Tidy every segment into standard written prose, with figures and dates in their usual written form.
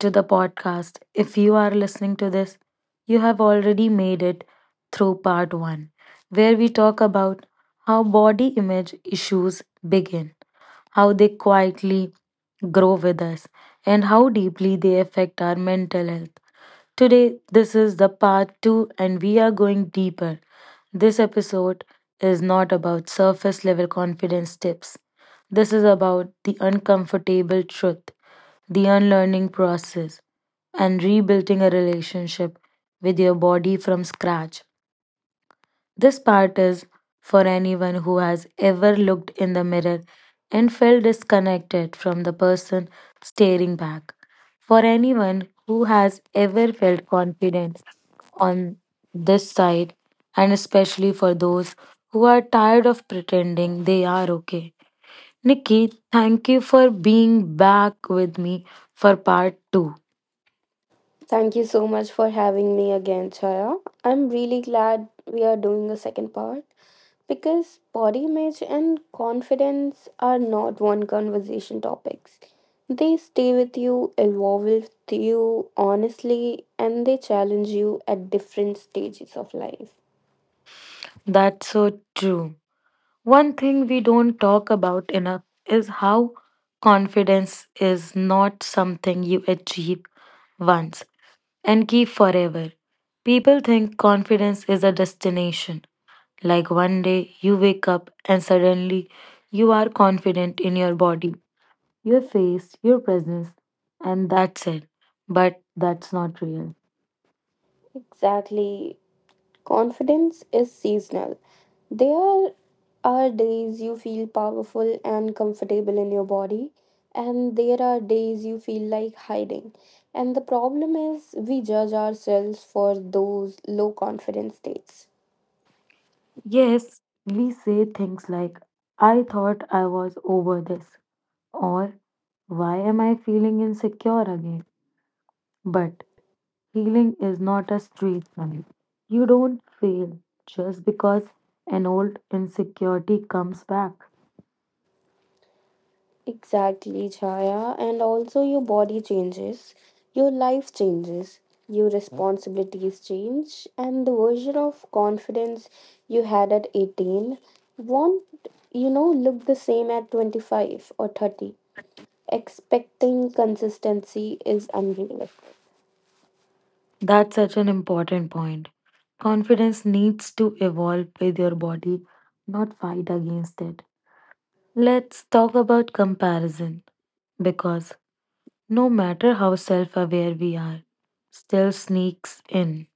to the podcast. If you are listening to this, you have already made it through part 1, where we talk about how body image issues begin, how they quietly grow with us, and how deeply they affect our mental health. Today, this is the part 2, and we are going deeper. This episode is not about surface level confidence tips. This is about the uncomfortable truth, the unlearning process, and rebuilding a relationship with your body from scratch. This part is for anyone who has ever looked in the mirror and felt disconnected from the person staring back. For anyone who has ever felt confident on this side, and especially for those who are tired of pretending they are okay. Nikki, thank you for being back with me for part two. Thank you so much for having me again, Chaya. I'm really glad we are doing a second part because body image and confidence are not one conversation topics. They stay with you, evolve with you honestly, and they challenge you at different stages of life. That's so true. One thing we don't talk about enough is how confidence is not something you achieve once and keep forever. People think confidence is a destination, like one day you wake up and suddenly you are confident in your body, your face, your presence, and that's it. But that's not real. Exactly. Confidence is seasonal. There are days you feel powerful and comfortable in your body, and there are days you feel like hiding. And the problem is, we judge ourselves for those low confidence states. Yes, we say things like, I thought I was over this, or why am I feeling insecure again? But healing is not a straight line. You don't fail just because an old insecurity comes back. Exactly, Chaya. And also, your body changes, your life changes, your responsibilities change, and the version of confidence you had at 18 won't, you know, look the same at 25 or 30. Expecting consistency is unrealistic. That's such an important point. Confidence needs to evolve with your body, not fight against it. Let's talk about comparison because no matter how self aware we are, still sneaks in.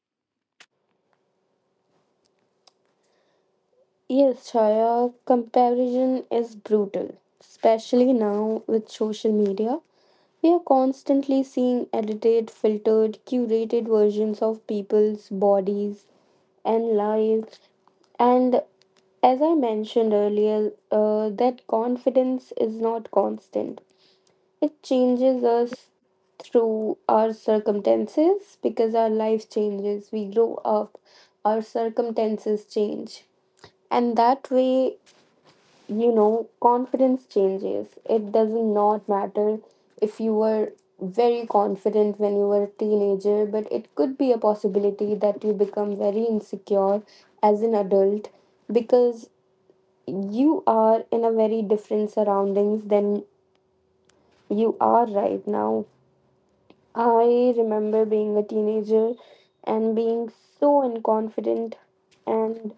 Yes, Chaya, comparison is brutal, especially now with social media. We are constantly seeing edited, filtered, curated versions of people's bodies and lives. And as I mentioned earlier, that confidence is not constant. It changes us through our circumstances because our life changes. We grow up, our circumstances change. And that way, you know, confidence changes. It does not matter if you were very confident when you were a teenager, but it could be a possibility that you become very insecure as an adult because you are in a very different surroundings than you are right now. I remember being a teenager and being so unconfident and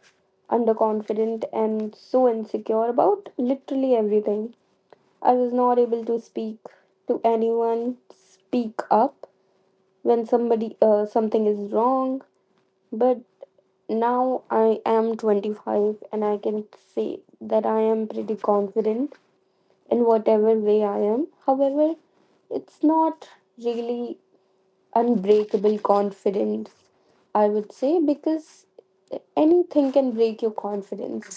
underconfident and so insecure about literally everything. I was not able to speak to anyone, speak up when somebody something is wrong. But now I am 25 and I can say that I am pretty confident in whatever way I am. However, it's not really unbreakable confidence, I would say, because anything can break your confidence.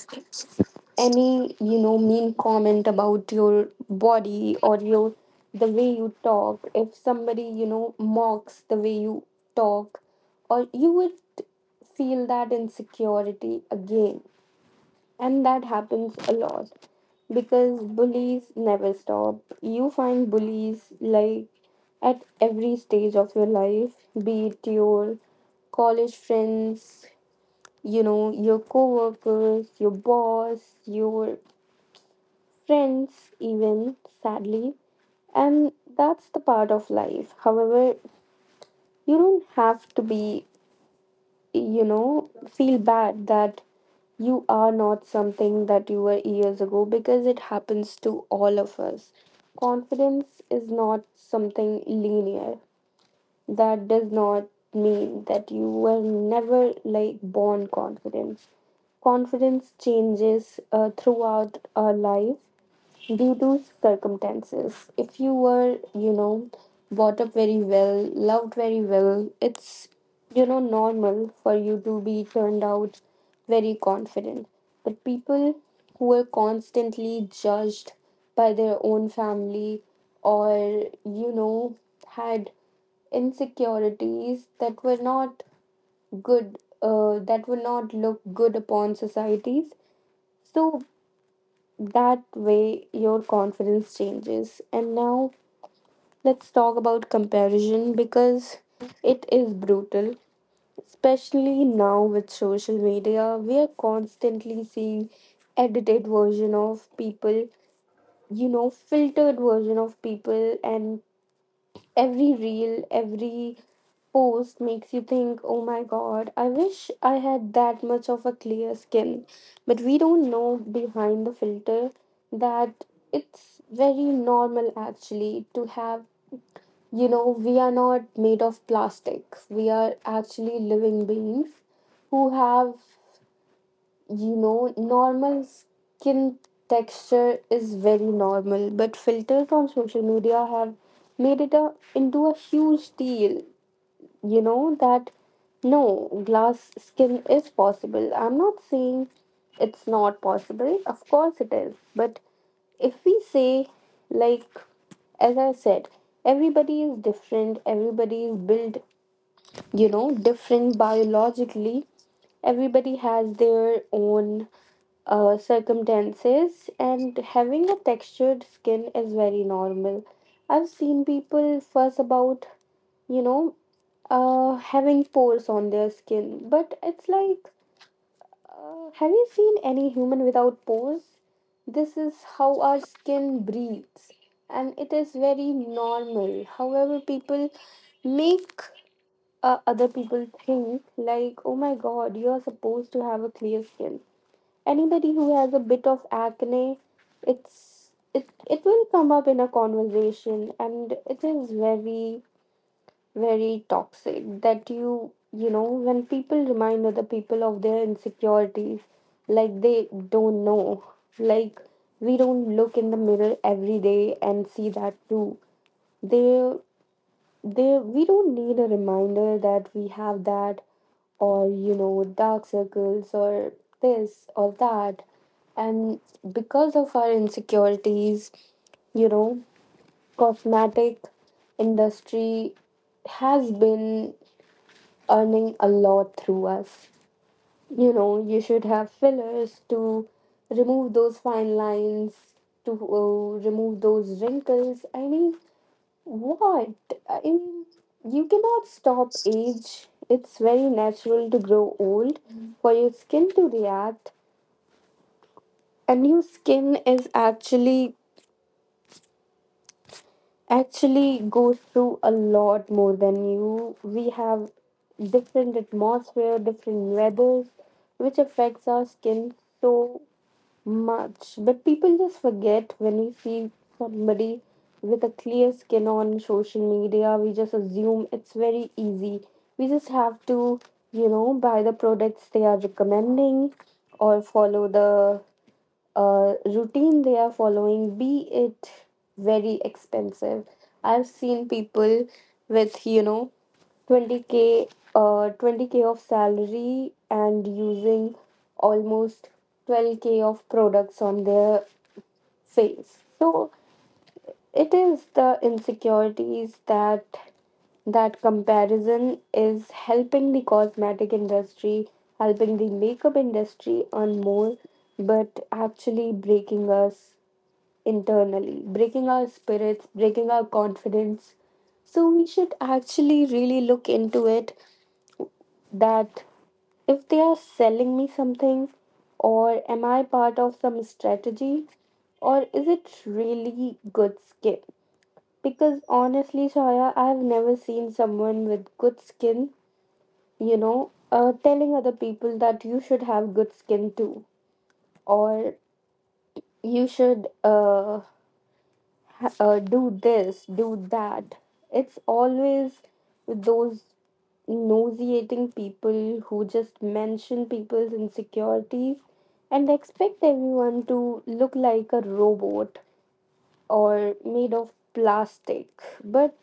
Any, you know, mean comment about your body or your the way you talk, if somebody, you know, mocks the way you talk, or you would feel that insecurity again. And that happens a lot because bullies never stop. You find bullies like at every stage of your life, be it your college friends, you know, your co-workers, your boss, your friends, even sadly. And that's the part of life. However, you don't have to be, you know, feel bad that you are not something that you were years ago because it happens to all of us. Confidence is not something linear. That does not mean that you were never like born confident. Confidence changes throughout our life due to circumstances. If you were, you know, brought up very well, loved very well, it's, you know, normal for you to be turned out very confident. But people who are constantly judged by their own family or, you know, had insecurities that were not good, that would not look good upon societies. So that way, your confidence changes. And now, let's talk about comparison because it is brutal, especially now with social media. We are constantly seeing edited version of people, you know, filtered version of people, and every reel, every post makes you think, oh my god, I wish I had that much of a clear skin. But we don't know behind the filter that it's very normal actually to have, you know, we are not made of plastic. We are actually living beings who have, you know, normal skin texture is very normal, but filters on social media have made it a, into a huge deal. You know, that no, glass skin is possible. I'm not saying it's not possible, of course it is, but if we say, like, as I said, everybody is different, everybody is built, you know, different biologically, everybody has their own circumstances, and having a textured skin is very normal. I've seen people fuss about, you know, having pores on their skin, but it's like, have you seen any human without pores? This is how our skin breathes, and it is very normal. However, people make other people think like, oh my god, you're supposed to have a clear skin. Anybody who has a bit of acne, it it will come up in a conversation, and it is very, very toxic that you know, when people remind other people of their insecurities, like they don't know, like we don't look in the mirror every day and see that too. they we don't need a reminder that we have that or, you know, dark circles or this or that. And because of our insecurities, you know, cosmetic industry has been earning a lot through us. You know, you should have fillers to remove those fine lines, to remove those wrinkles. I mean, what? I mean, you cannot stop age. It's very natural to grow old, for your skin to react, and your skin is actually goes through a lot more than you. We have different atmosphere, different weathers, which affects our skin. So much, but people just forget. When we see somebody with a clear skin on social media, we just assume it's very easy. We just have to, you know, buy the products they are recommending or follow the routine they are following, be it very expensive. I've seen people with, you know, 20k 20k of salary and using almost 12k of products on their face. So it is the insecurities, that comparison is helping the cosmetic industry, helping the makeup industry earn more, but actually breaking us internally, breaking our spirits, breaking our confidence. So we should actually really look into it, that if they are selling me something, or am I part of some strategy, or is it really good skin? Because honestly, Shaya, I've never seen someone with good skin, you know, telling other people that you should have good skin too, or you should do this, do that. It's always those nauseating people who just mention people's insecurities and expect everyone to look like a robot or made of plastic. But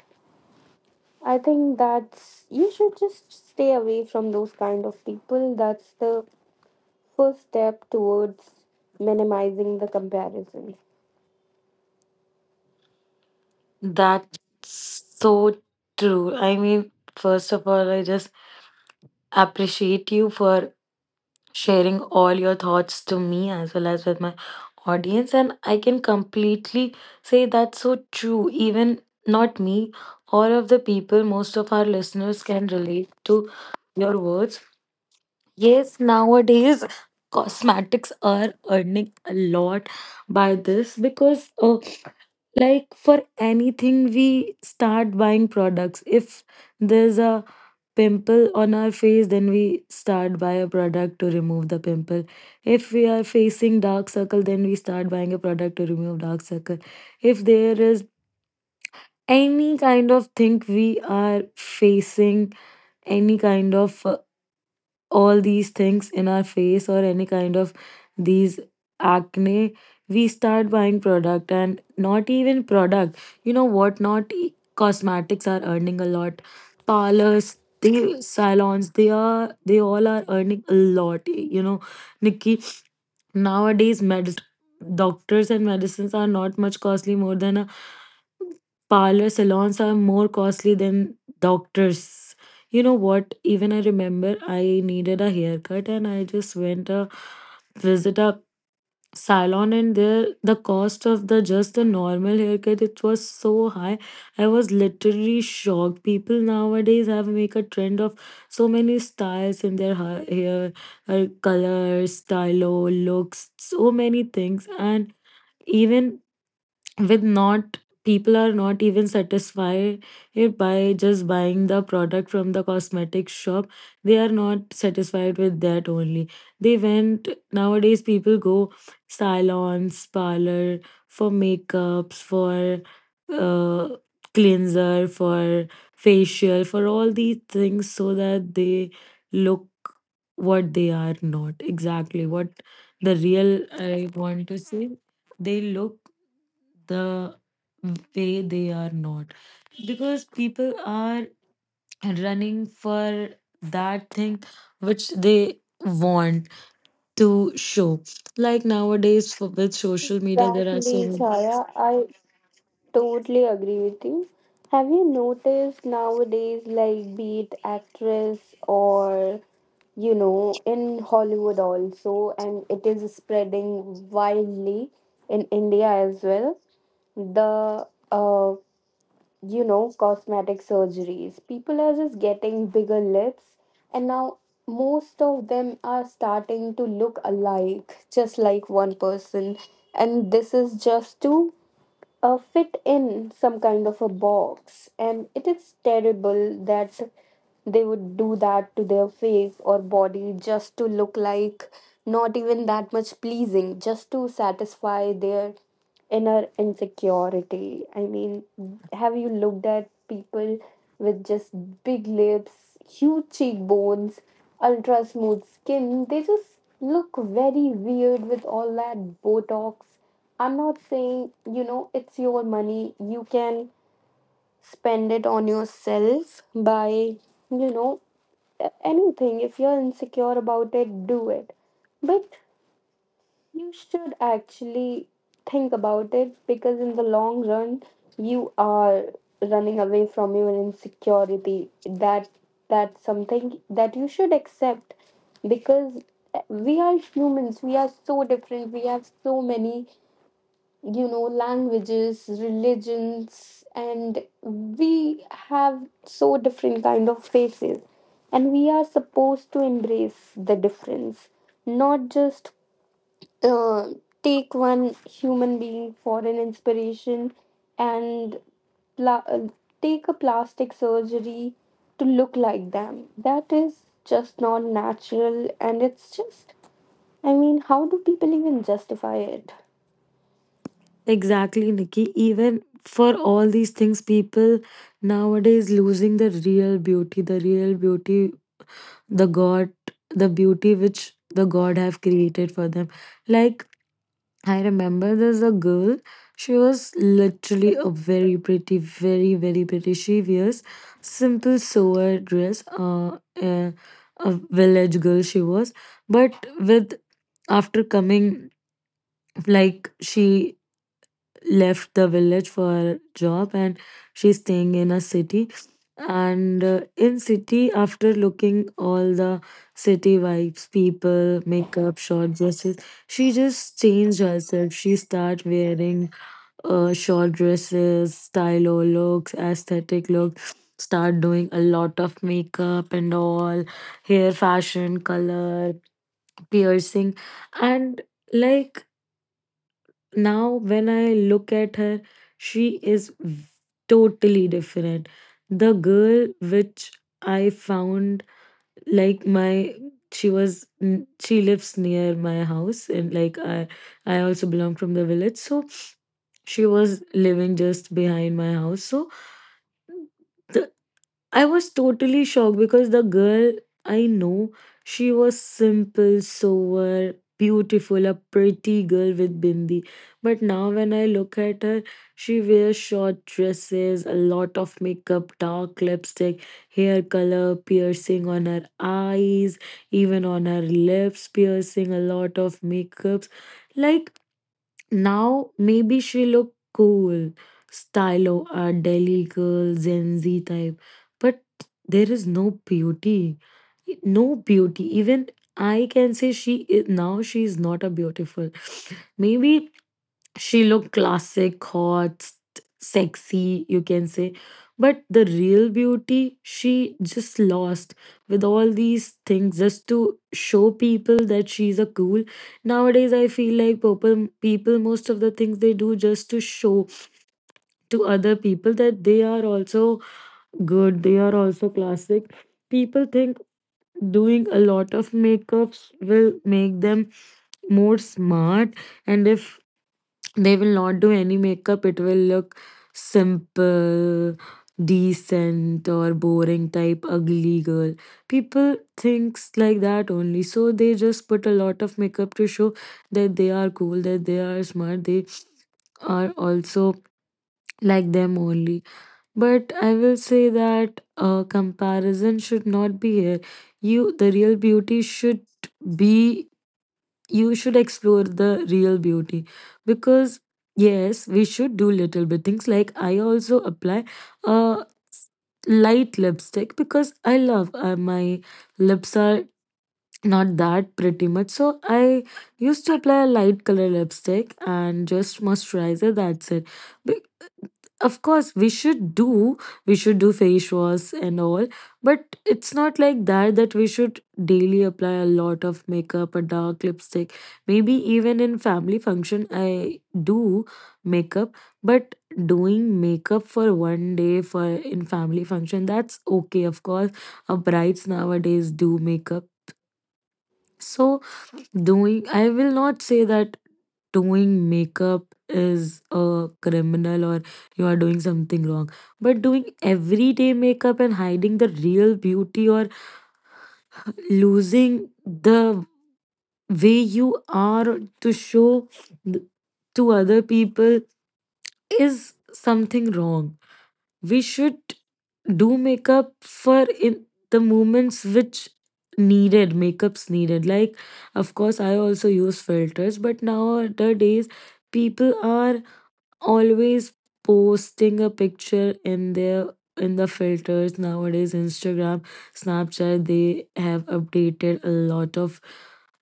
I think that's, you should just stay away from those kind of people. That's the first step towards minimizing the comparisons. That's so true. I mean, first of all, I just appreciate you for sharing all your thoughts to me as well as with my audience. And I can completely say that's so true. Even not me, all of the people, most of our listeners can relate to your words. Yes, nowadays cosmetics are earning a lot by this because like for anything we start buying products. If there's a pimple on our face, then we start buy a product to remove the pimple. If we are facing dark circle, then we start buying a product to remove dark circle. If there is any kind of thing we are facing, any kind of all these things in our face or any kind of these acne we start buying product and not even product, you know what, not cosmetics are earning a lot, parlors, they salons, they all are earning a lot, you know, Nikki. Nowadays medicines are not doctors, and medicines are not much costly more than a parlor. Salons are more costly than doctors, you know what. Even I remember I needed a haircut and I just went a visit a salon, and there the cost of the just the normal haircut, it was so high. I was literally shocked. People nowadays have make a trend of so many styles in their hair colors, stylo looks, so many things. And even with not, people are not even satisfied by just buying the product from the cosmetic shop. They are not satisfied with that only. They went, nowadays people go salons, parlor for makeups, for uh, cleanser, for facial, for all these things, so that they look what they are not, exactly what the real I want to say, they look the way they are not, because people are running for that thing which they want to show, like nowadays for, with social media, there are so Exactly, many. Chaya. I totally agree with you. Have you noticed nowadays, like, be it actress or, you know, in Hollywood also, and it is spreading widely in India as well. The uh, you know, cosmetic surgeries. People are just getting bigger lips, and now most of them are starting to look alike, just like one person. And this is just to fit in some kind of a box. And it is terrible that they would do that to their face or body just to look like not even that much pleasing, just to satisfy their inner insecurity. I mean, have you looked at people with just big lips, huge cheekbones, ultra smooth skin? They just look very weird with all that Botox. I'm not saying, you know, it's your money. You can spend it on yourself by, you know, anything. If you're insecure about it, do it. But you should actually think about it, because in the long run, you are running away from your insecurity. That's something that you should accept, because we are humans. We are so different. We have so many, you know, languages, religions, and we have so different kind of faces, and we are supposed to embrace the difference, not just uh, take one human being for an inspiration and pla- uh, take a plastic surgery to look like them. That is just not natural, and it's just, I mean, how do people even justify it? Exactly, Nikki. Even for all these things, people nowadays losing the real beauty, the god, the beauty which the god have created for them. Like I remember there's a girl. She was literally a very pretty, very, very pretty. She wears simple sewer dress. A village girl she was, but with after coming, like she left the village for her job and she's staying in a city, and in city after looking all the city vibes, people makeup, short dresses, she just changed herself. She start wearing short dresses, stylo looks, aesthetic looks, start doing a lot of makeup and all, hair fashion, color, piercing, and like now when I look at her, she is totally different. The girl which I found like my, she was she lives near my house, and like I also belong from the village, so she was living just behind my house, so the, I was totally shocked, because the girl I know, she was simple, sober, beautiful, a pretty girl with bindi. But now when I look at her, she wears short dresses, a lot of makeup, dark lipstick, hair color, piercing on her eyes, even on her lips, piercing, a lot of makeups. Like now maybe she look cool, stylo, a Delhi girl, Gen Z type, but there is no beauty, even I can say she is now, she is not a beautiful maybe she looked classic, hot, sexy, you can say. But the real beauty, she just lost with all these things just to show people that she's a cool. Nowadays, I feel like people, most of the things they do just to show to other people that they are also good, they are also classic. People think doing a lot of makeups will make them more smart, and if they will not do any makeup, it will look simple, decent, or boring type, ugly girl. People thinks like that only. So they just put a lot of makeup to show that they are cool, that they are smart, they are also like them only. But I will say that comparison should not be here. You, the real beauty should be, you should explore the real beauty, because yes, we should do little bit things, like I also apply a light lipstick because I love my lips are not that pretty much, so I used to apply a light color lipstick and just moisturizer, that's it. Of course, we should do, we should do face wash and all, but it's not like that, that we should daily apply a lot of makeup, a dark lipstick. Maybe even in family function, I do makeup, but doing makeup for one day for in family function, that's okay. Of course, our brides nowadays do makeup. So doing, I will not say that doing makeup is a criminal or you are doing something wrong, but doing everyday makeup and hiding the real beauty or losing the way you are to show th- to other people is something wrong. We should do makeup for in the moments which needed makeups, needed, like of course I also use filters, but nowadays people are always posting a picture in their in the filters. Nowadays Instagram, Snapchat, they have updated a lot of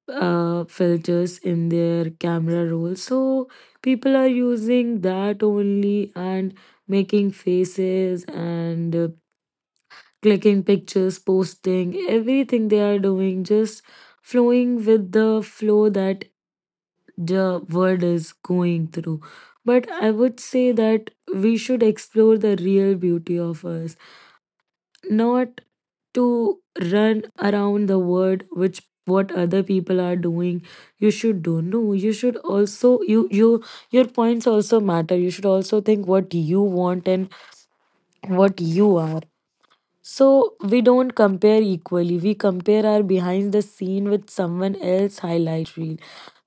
filters in their camera roll, so people are using that only and making faces and clicking pictures, posting everything, they are doing just flowing with the flow that the world is going through. But I would say that we should explore the real beauty of us, not to run around the world which what other people are doing. You should do, no, you should also, your points also matter, you should also think what you want and what you are, so we don't compare equally, we compare our behind the scene with someone else highlight reel.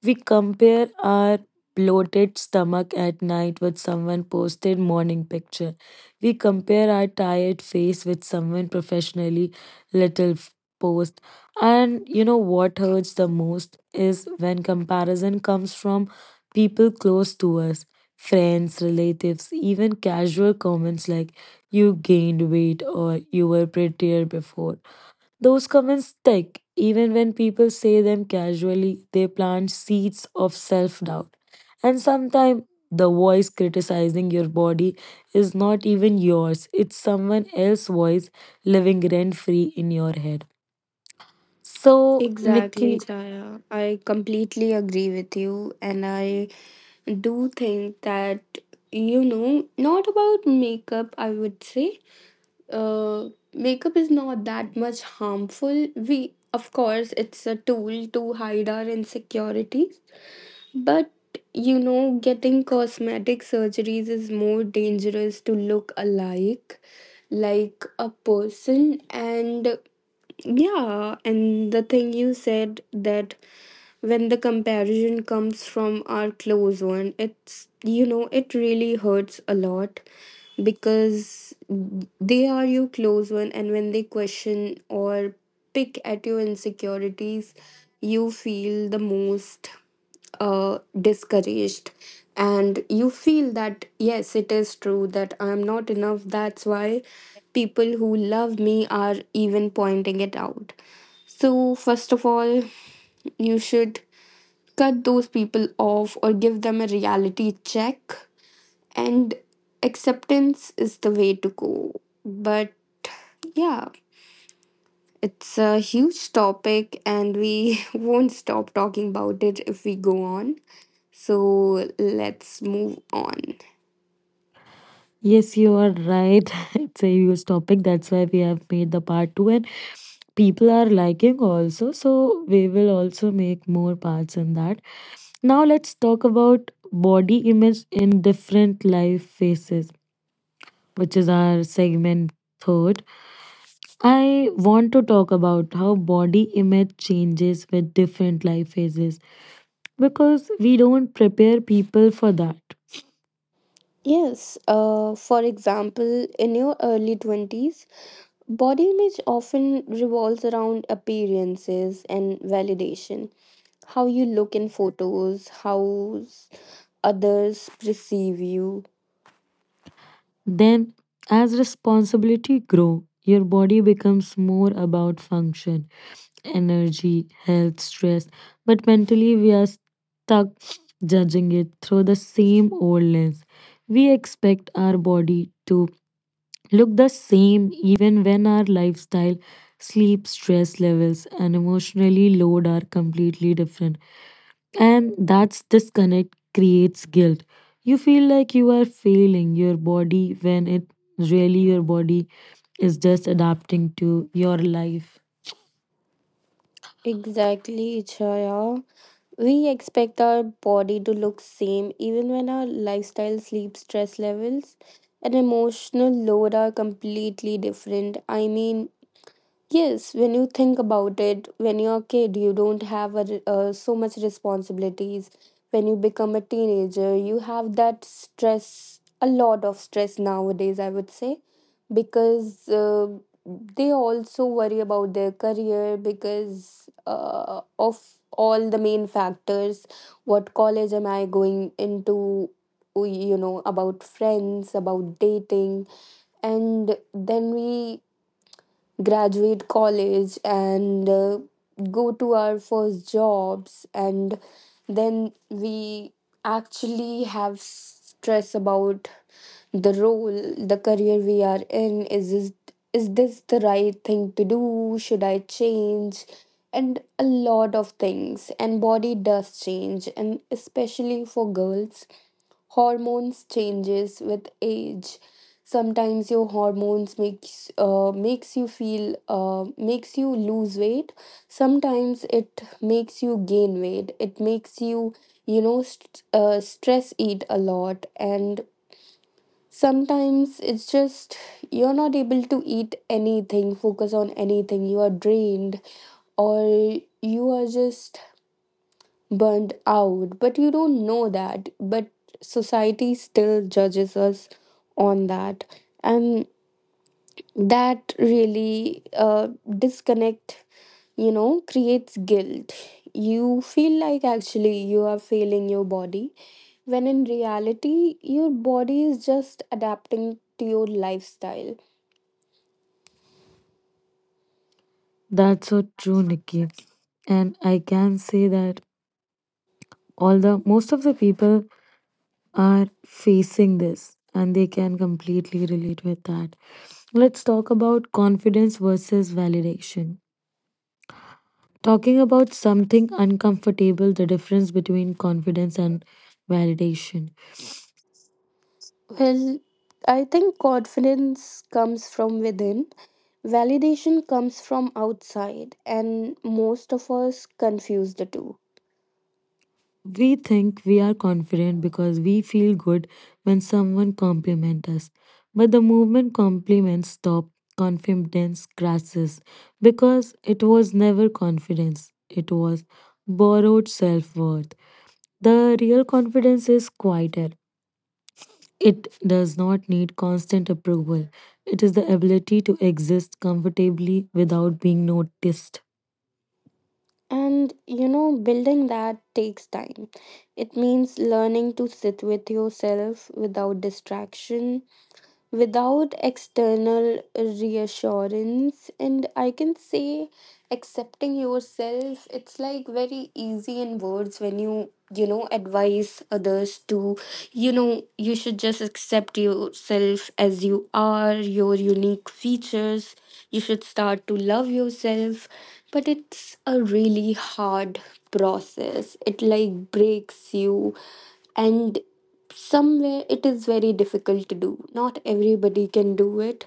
We compare our bloated stomach at night with someone posted morning picture. We compare our tired face with someone professionally little post. And you know what hurts the most is when comparison comes from people close to us, friends, relatives, even casual comments like you gained weight or you were prettier before. Those comments stick. Even when people say them casually, they plant seeds of self doubt. And sometimes the voice criticizing your body is not even yours, it's someone else's voice living rent free in your head. So, Exactly, Nikki, Chaya. I completely agree with you, and I do think that, you know, not about makeup, I would say. Uh, Makeup is not that much harmful. We, of course, it's a tool to hide our insecurities, but you know, getting cosmetic surgeries is more dangerous, to look alike, like a person. And yeah, and the thing you said that, when the comparison comes from our close one, it's, you know, it really hurts a lot because they are your close one, and when they question or pick at your insecurities, you feel the most discouraged, and you feel that yes, it is true that I'm not enough, that's why people who love me are even pointing it out. So first of all, you should cut those people off or give them a reality check. And acceptance is the way to go. But yeah, it's a huge topic and we won't stop talking about it if we go on. So let's move on. yes, you are right. It's a huge topic. That's why we have made the part two, and people are liking also. So, we will also make more parts in that. Now let's talk about body image in different life phases, which is our segment third. I want to talk about how body image changes with different life phases because we don't prepare people for that. Yes, for example, in your early 20s, body image often revolves around appearances and validation. How you look in photos, how others perceive you. Then as responsibility grow, your body becomes more about function, energy, health, stress, but mentally we are stuck judging it through the same old lens. We expect our body to look the same even when our lifestyle, sleep, stress levels, and emotionally load are completely different. And that's disconnect creates guilt. You feel like you are failing your body when it really your body is just adapting to your life. Exactly, Chaya. We expect our body to look same even when our lifestyle, sleep, stress levels and emotional load are completely different. I mean, yes, when you think about it, when you're a kid, you don't have a, so much responsibilities. When you become a teenager, you have that stress, a lot of stress nowadays, I would say, because they also worry about their career because of all the main factors. What college am I going into? You know, about friends, about dating, and then we graduate college and go to our first jobs, and then we actually have stress about the role, the career we are in. Is this, is this the right thing to do? Should I change? And a lot of things. And body does change, and especially for girls, hormones changes with age. Sometimes your hormones makes makes you feel makes you lose weight, sometimes it makes you gain weight, it makes you stress eat a lot, and sometimes it's just you're not able to eat anything, focus on anything. You are drained or you are just burned out, but you don't know that. But society still judges us on that, and that really disconnect, you know, creates guilt. You feel like actually you are failing your body, when in reality, your body is just adapting to your lifestyle. That's so true, Nikki, and I can say that all the most of the people are facing this and they can completely relate with that. Let's talk about confidence versus validation, talking about something uncomfortable, the difference between confidence and validation. Well, I think confidence comes from within. Validation comes from outside, and most of us confuse the two. We think we are confident because we feel good when someone compliments us. But the movement compliments stop, confidence crashes because it was never confidence, it was borrowed self worth. The real confidence is quieter. It does not need constant approval. It is the ability to exist comfortably without being noticed. And you know, building that takes time. It means learning to sit with yourself without distraction, without external reassurance. And I can say accepting yourself, it's like very easy in words when you know advise others to you should just accept yourself as you are, your unique features, you should start to love yourself. But it's a really hard process. It like breaks you, and somewhere it is very difficult to do. Not everybody can do it.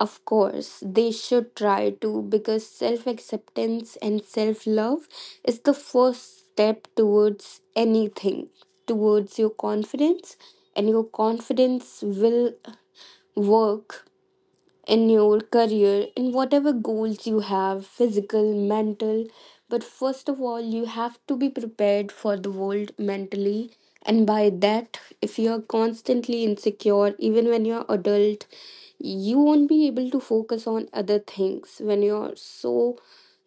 Of course they should try to, because self acceptance and self love is the first step towards anything, towards your confidence. And your confidence will work in your career, in whatever goals you have, physical, mental. But first of all, you have to be prepared for the world mentally. And by that, if you're constantly insecure, even when you're adult, you won't be able to focus on other things when you're so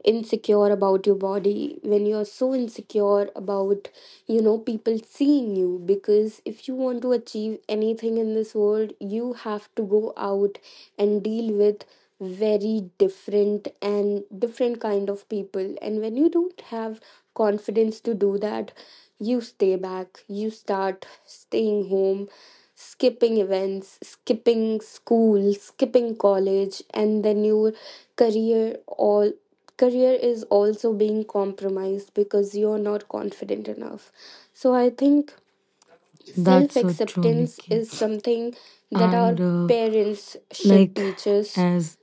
insecure about your body, when you're so insecure about people seeing you. Because if you want to achieve anything in this world, you have to go out and deal with very different and different kind of people. And when you don't have confidence to do that, you stay back, you start staying home, skipping events, skipping school, skipping college, and then your career, all career is also being compromised because you're not confident enough. So I think self That's so true, acceptance Nikki. is something that And our parents should like teach us as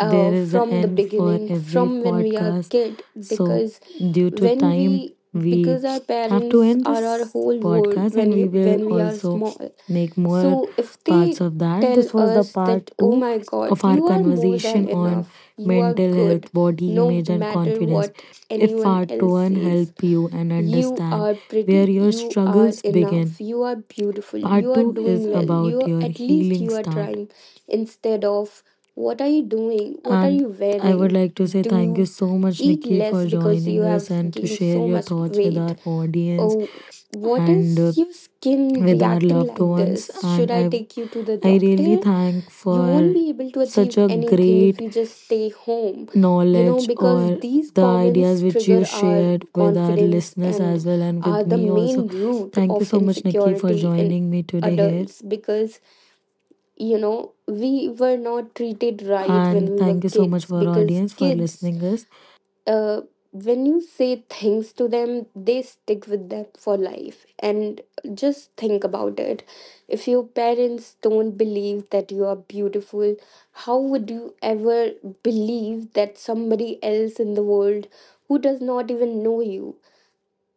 there is an from the end for beginning, every from when we are podcast, kid. so Because due to when time we, we because our have to parents end are our this whole world podcast, when and we you, will when we are also small. make more So if parts they of that. tell This was the us part that oh 2 my god, of our you are more than conversation on enough, you are mental good health, body no image, and matter confidence. what If anyone part else 1 says, help you and you understand are where pretty. your You are struggles begin, enough. You are beautiful. You part are 2 is doing well. You about are, your at least healing you are start. trying, instead of what are you doing? What are And you I would wearing? like to say Do thank you you so much, eat Nikki, less for because you joining us have and to gained share so your much thoughts with weight? our audience Oh, what and is your skin with our reacting loved like ones. this? Should And I I, take you to the I really doctor? thank You won't for be able to such achieve a anything if great you just stay home, you know, knowledge because or these the comments ideas which trigger you our shared with our confidence listeners and as well and are with the me also. main root Thank you of so much, Nikki, for insecurity in joining me today here. adults. Because you know, we were not treated right when And we were thank you so much kids, for our because audience for kids, listening us. uh, when you say things to them, they stick with them for life. And just think about it. If your parents don't believe that you are beautiful, how would you ever believe that somebody else in the world who does not even know you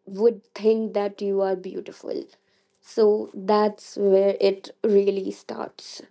would think that you are beautiful? So that's where it really starts.